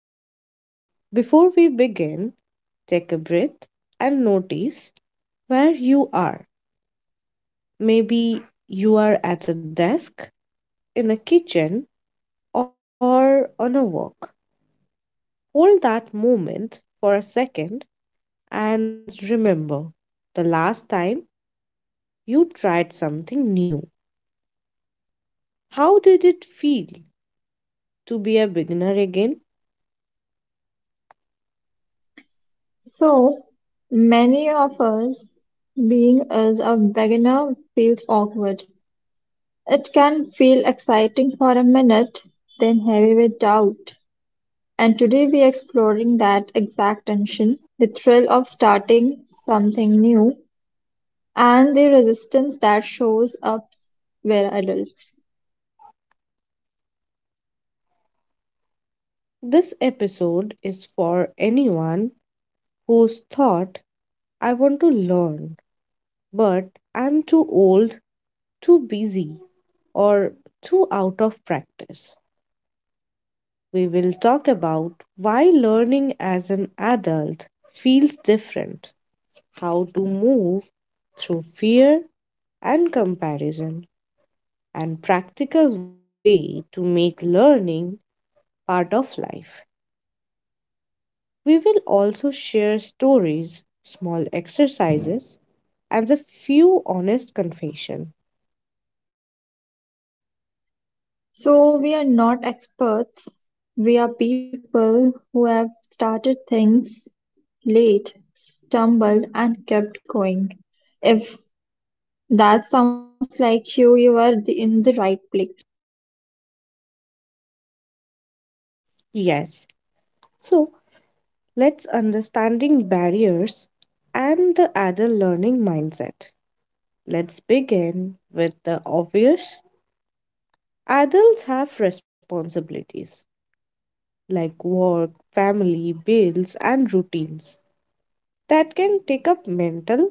Lifestyle. Before we begin, take a breath and notice where you are. Maybe you are at a desk, in a kitchen, or on a walk. Hold that moment for a second and remember the last time you tried something new. How did it feel to be a beginner again? So, many of us, being as a beginner, feels awkward. It can feel exciting for a minute, then heavy with doubt. And today we are exploring that exact tension, the thrill of starting something new, and the resistance that shows up where adults. This episode is for anyone who's thought, I want to learn, but I'm too old, too busy, or too out of practice. We will talk about why learning as an adult feels different, how to move through fear and comparison, and practical way to make learning part of life. We will also share stories, small exercises, and a few honest confession. So, we are not experts, we are people who have started things late, stumbled, and kept going. If that sounds like you, in the right place. Yes. So, let's understanding barriers and the adult learning mindset. Let's begin with the obvious. Adults have responsibilities like work, family, bills, and routines that can take up mental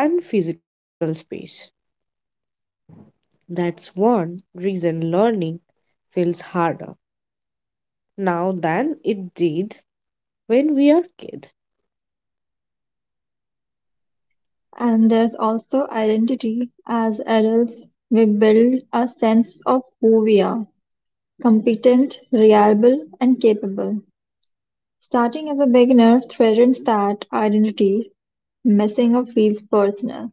and physical space. That's one reason learning feels harder now than it did when we are kids. And there's also identity. As adults, we build a sense of who we are competent, reliable, and capable. Starting as a beginner threatens that identity, messing up feels personal.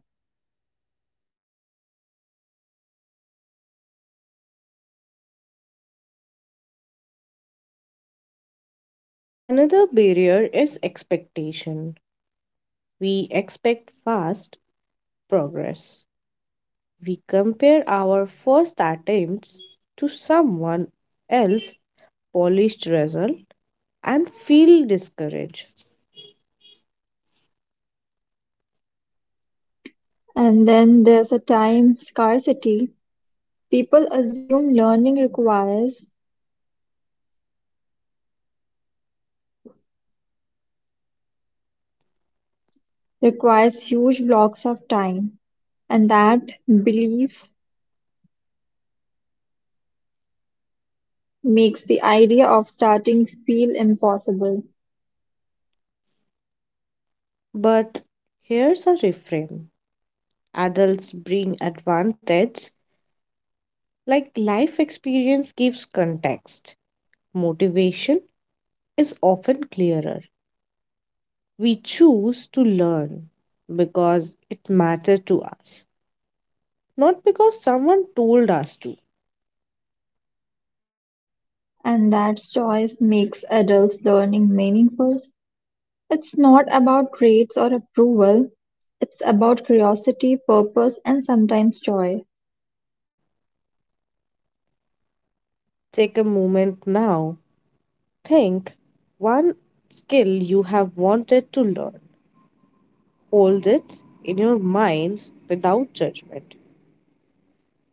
Another barrier is expectation. We expect fast progress. We compare our first attempts to someone else's polished result and feel discouraged. And then there's a time scarcity. People assume learning requires huge blocks of time, and that belief makes the idea of starting feel impossible. But here's a reframe: adults bring advantage like life experience gives context. Motivation is often clearer. We choose to learn because it mattered to us, not because someone told us to. And that choice makes adults learning meaningful. It's not about grades or approval, it's about curiosity, purpose, and sometimes joy. Take a moment now. Think one skill you have wanted to learn. Hold it in your mind without judgment.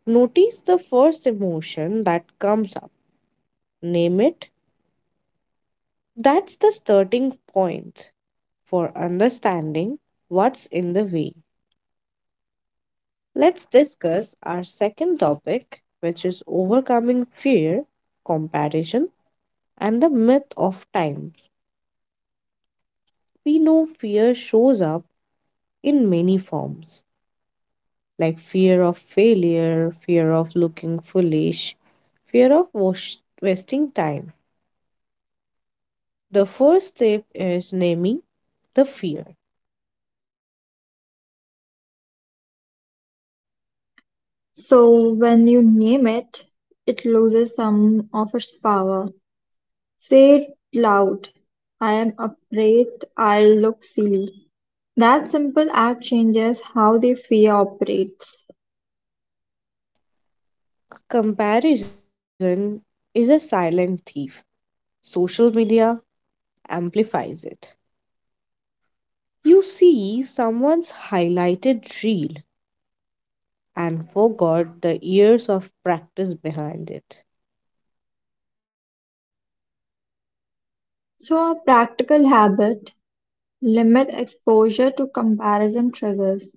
Notice the first emotion that comes up. Name it. That's the starting point for understanding what's in the way. Let's discuss our second topic, which is overcoming fear, comparison, and the myth of time. We know fear shows up in many forms like fear of failure, fear of looking foolish, fear of wasting time. The first step is naming the fear. So when you name it, it loses some of its power. Say it loud. I am afraid I'll look silly. That simple act changes how the fear operates. Comparison is a silent thief. Social media amplifies it. You see someone's highlighted reel and forgot the years of practice behind it. So, a practical habit limit exposure to comparison triggers.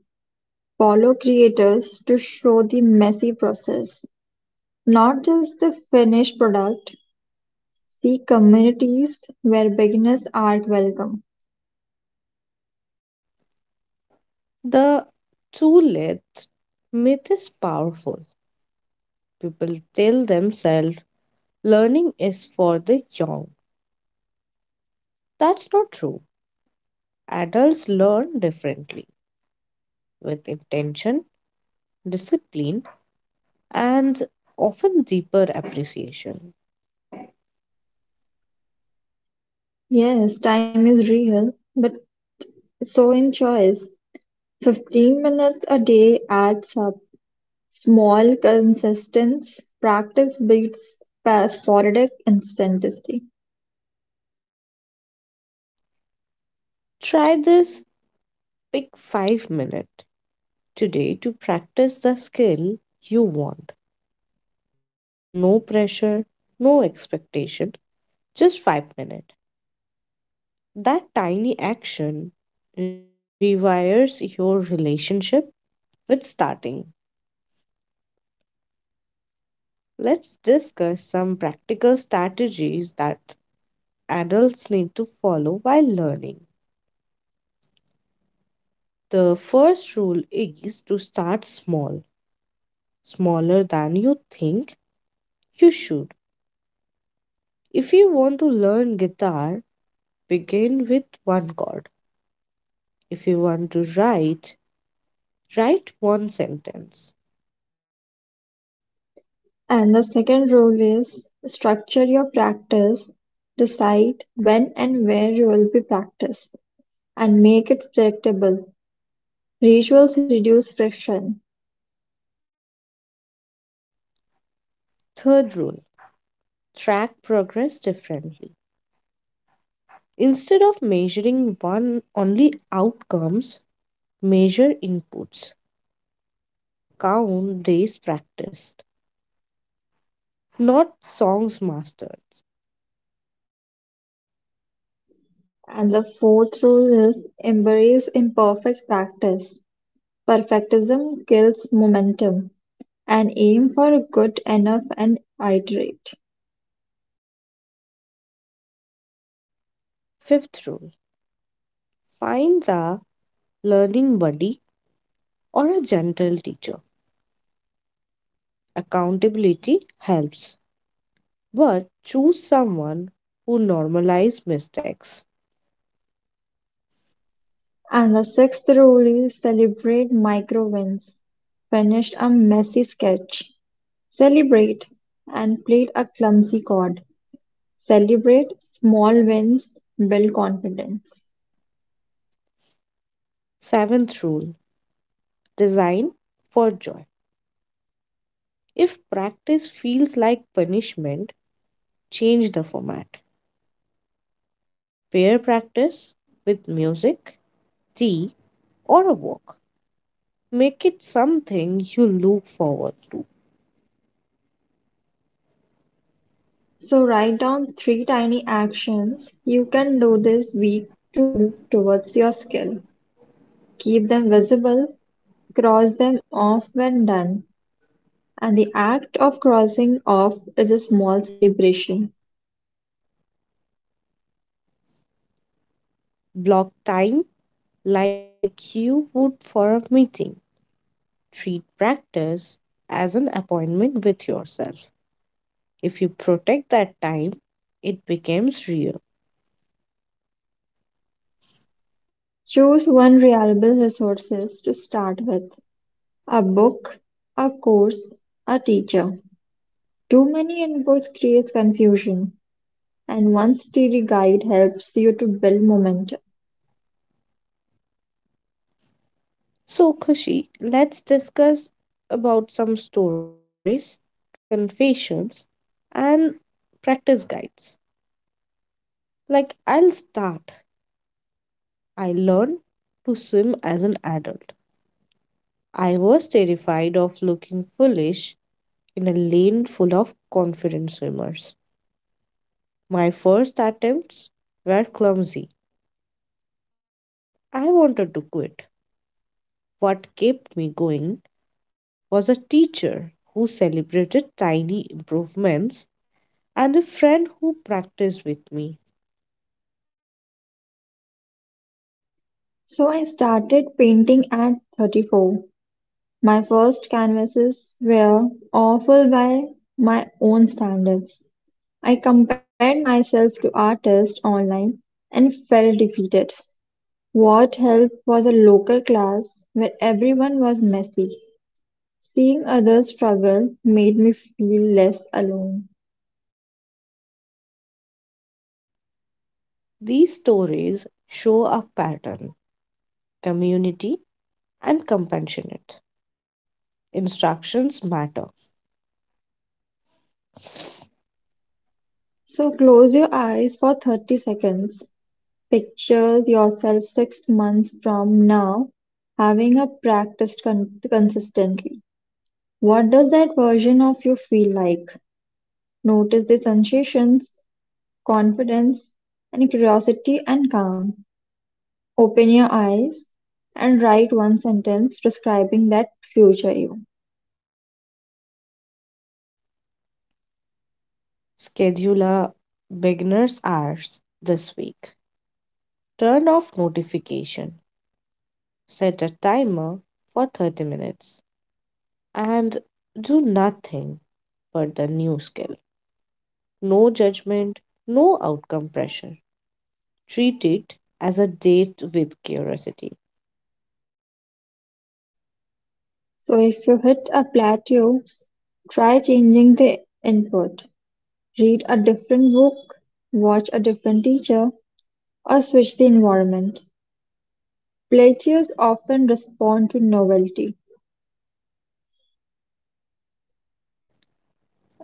Follow creators to show the messy process, not just the finished product. See communities where beginners are welcome. The two-lit myth is powerful. People tell themselves learning is for the young. That's not true. Adults learn differently with intention, discipline, and often deeper appreciation. Yes, time is real, but so in choice. 15 minutes a day adds up. Small, consistent practice beats sporadic intensity. Try this: pick 5 minute today to practice the skill you want. No pressure, no expectation, just 5 minutes. That tiny action rewires your relationship with starting. Let's discuss some practical strategies that adults need to follow while learning. The first rule is to start small, smaller than you think you should. If you want to learn guitar, begin with one chord. If you want to write, write one sentence. And the second rule is structure your practice. Decide when and where you will be practiced and make it predictable. Rituals reduce friction. Third rule: track progress differently. Instead of measuring one only outcomes, measure inputs. Count days practiced, not songs mastered. And the fourth rule is embrace imperfect practice. Perfectism kills momentum and aim for good enough and iterate. Fifth rule: finds a learning buddy or a gentle teacher. Accountability helps, but choose someone who normalizes mistakes. And the sixth rule is celebrate micro wins. Finished a messy sketch, celebrate, and played a clumsy chord. Celebrate small wins, build confidence. Seventh rule: design for joy. If practice feels like punishment, change the format. Pair practice with music, tea, or a walk. Make it something you look forward. So write down three tiny actions you can do this week to move towards your skill. Keep them visible, cross them off when done, and the act of crossing off is a small celebration. Block time like you would for a meeting. Treat practice as an appointment with yourself. If you protect that time, it becomes real. Choose one reliable resources to start with: a book, a course, a teacher. Too many inputs creates confusion, and one steady guide helps you to build momentum. So, Kushi, let's discuss about some stories, confessions, and practice guides. Like, I'll start. I learned to swim as an adult. I was terrified of looking foolish in a lane full of confident swimmers. My first attempts were clumsy. I wanted to quit. What kept me going was a teacher who celebrated tiny improvements and a friend who practiced with me. So I started painting at 34. My first canvases were awful by my own standards. I compared myself to artists online and felt defeated. What helped was a local class where everyone was messy. Seeing others struggle made me feel less alone. These stories show a pattern: community and compassionate. Instructions matter. So close your eyes for 30 seconds. Picture yourself 6 months from now having a practice consistently. What does that version of you feel like? Notice the sensations, confidence, and curiosity and calm. Open your eyes and write one sentence describing that future you. Schedule a beginner's hours this week. Turn off notification. Set a timer for 30 minutes and do nothing but the new skill. No judgment, no outcome pressure. Treat it as a date with curiosity. So if you hit a plateau, try changing the input. Read a different book, watch a different teacher, or switch the environment. Plateaus often respond to novelty.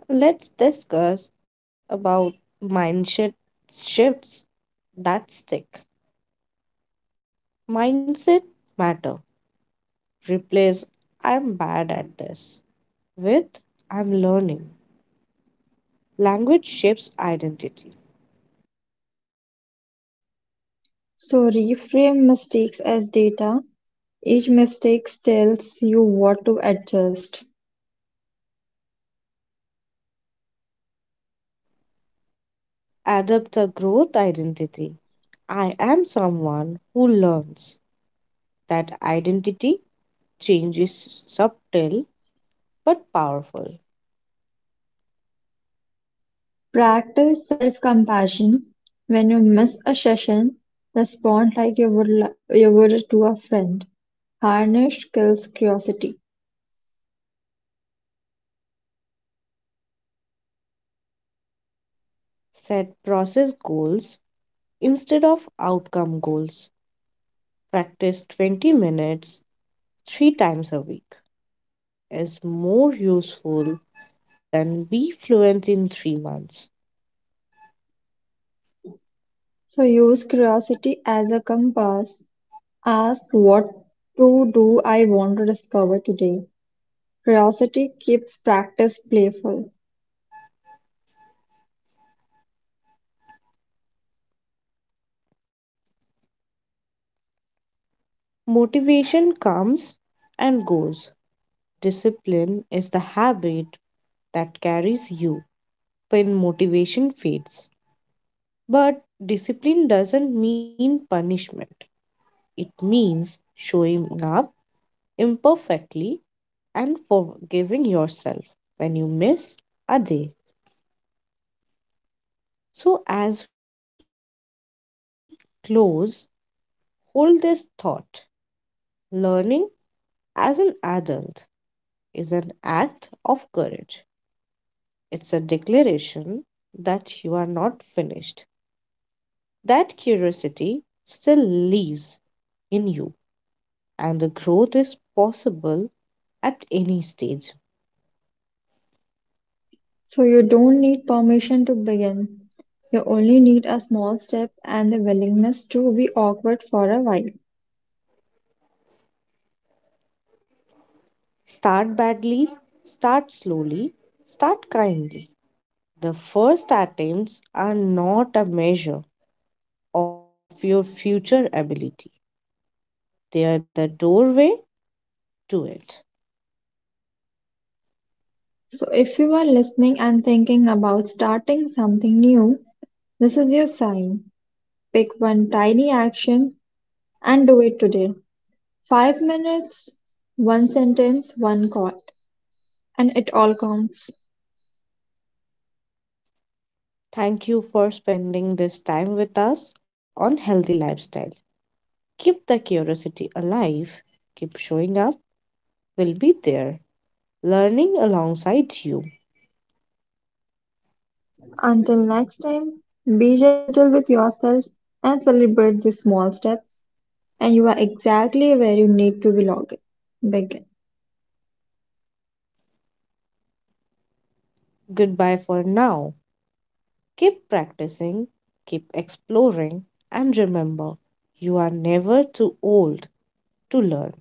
Let's discuss about mindset shifts that stick. Mindset matter. Replace "I'm bad at this" with "I'm learning." Language shapes identity. So reframe mistakes as data. Each mistake tells you what to adjust. Adopt a growth identity. I am someone who learns. That identity change is subtle but powerful. Practice self-compassion. When you miss a session, respond like you would li- you would to a friend. Harness kills curiosity. Set process goals instead of outcome goals. Practice 20 minutes three times a week is more useful than be fluent in 3 months. So use curiosity as a compass. Ask what to do I want to discover today. Curiosity keeps practice playful. Motivation comes and goes. Discipline is the habit that carries you when motivation fades. But discipline doesn't mean punishment, it means showing up imperfectly and forgiving yourself when you miss a day. So, as we close, hold this thought: learning as an adult is an act of courage. It's a declaration that you are not finished, that curiosity still lives in you, and the growth is possible at any stage. So you don't need permission to begin. You only need a small step and the willingness to be awkward for a while. Start badly, start slowly, start kindly. The first attempts are not a measure of your future ability; they are the doorway to it. So, if you are listening and thinking about starting something new, this is your sign. Pick one tiny action and do it today. 5 minutes, one sentence, one call, and it all counts. Thank you for spending this time with us on Healthy Lifestyle. Keep the curiosity alive, keep showing up, we'll be there, learning alongside you. Until next time, be gentle with yourself and celebrate the small steps, and you are exactly where you need to begin. Goodbye for now. Keep practicing, keep exploring, and remember, you are never too old to learn.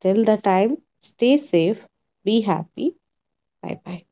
Till the time, stay safe, be happy, bye bye.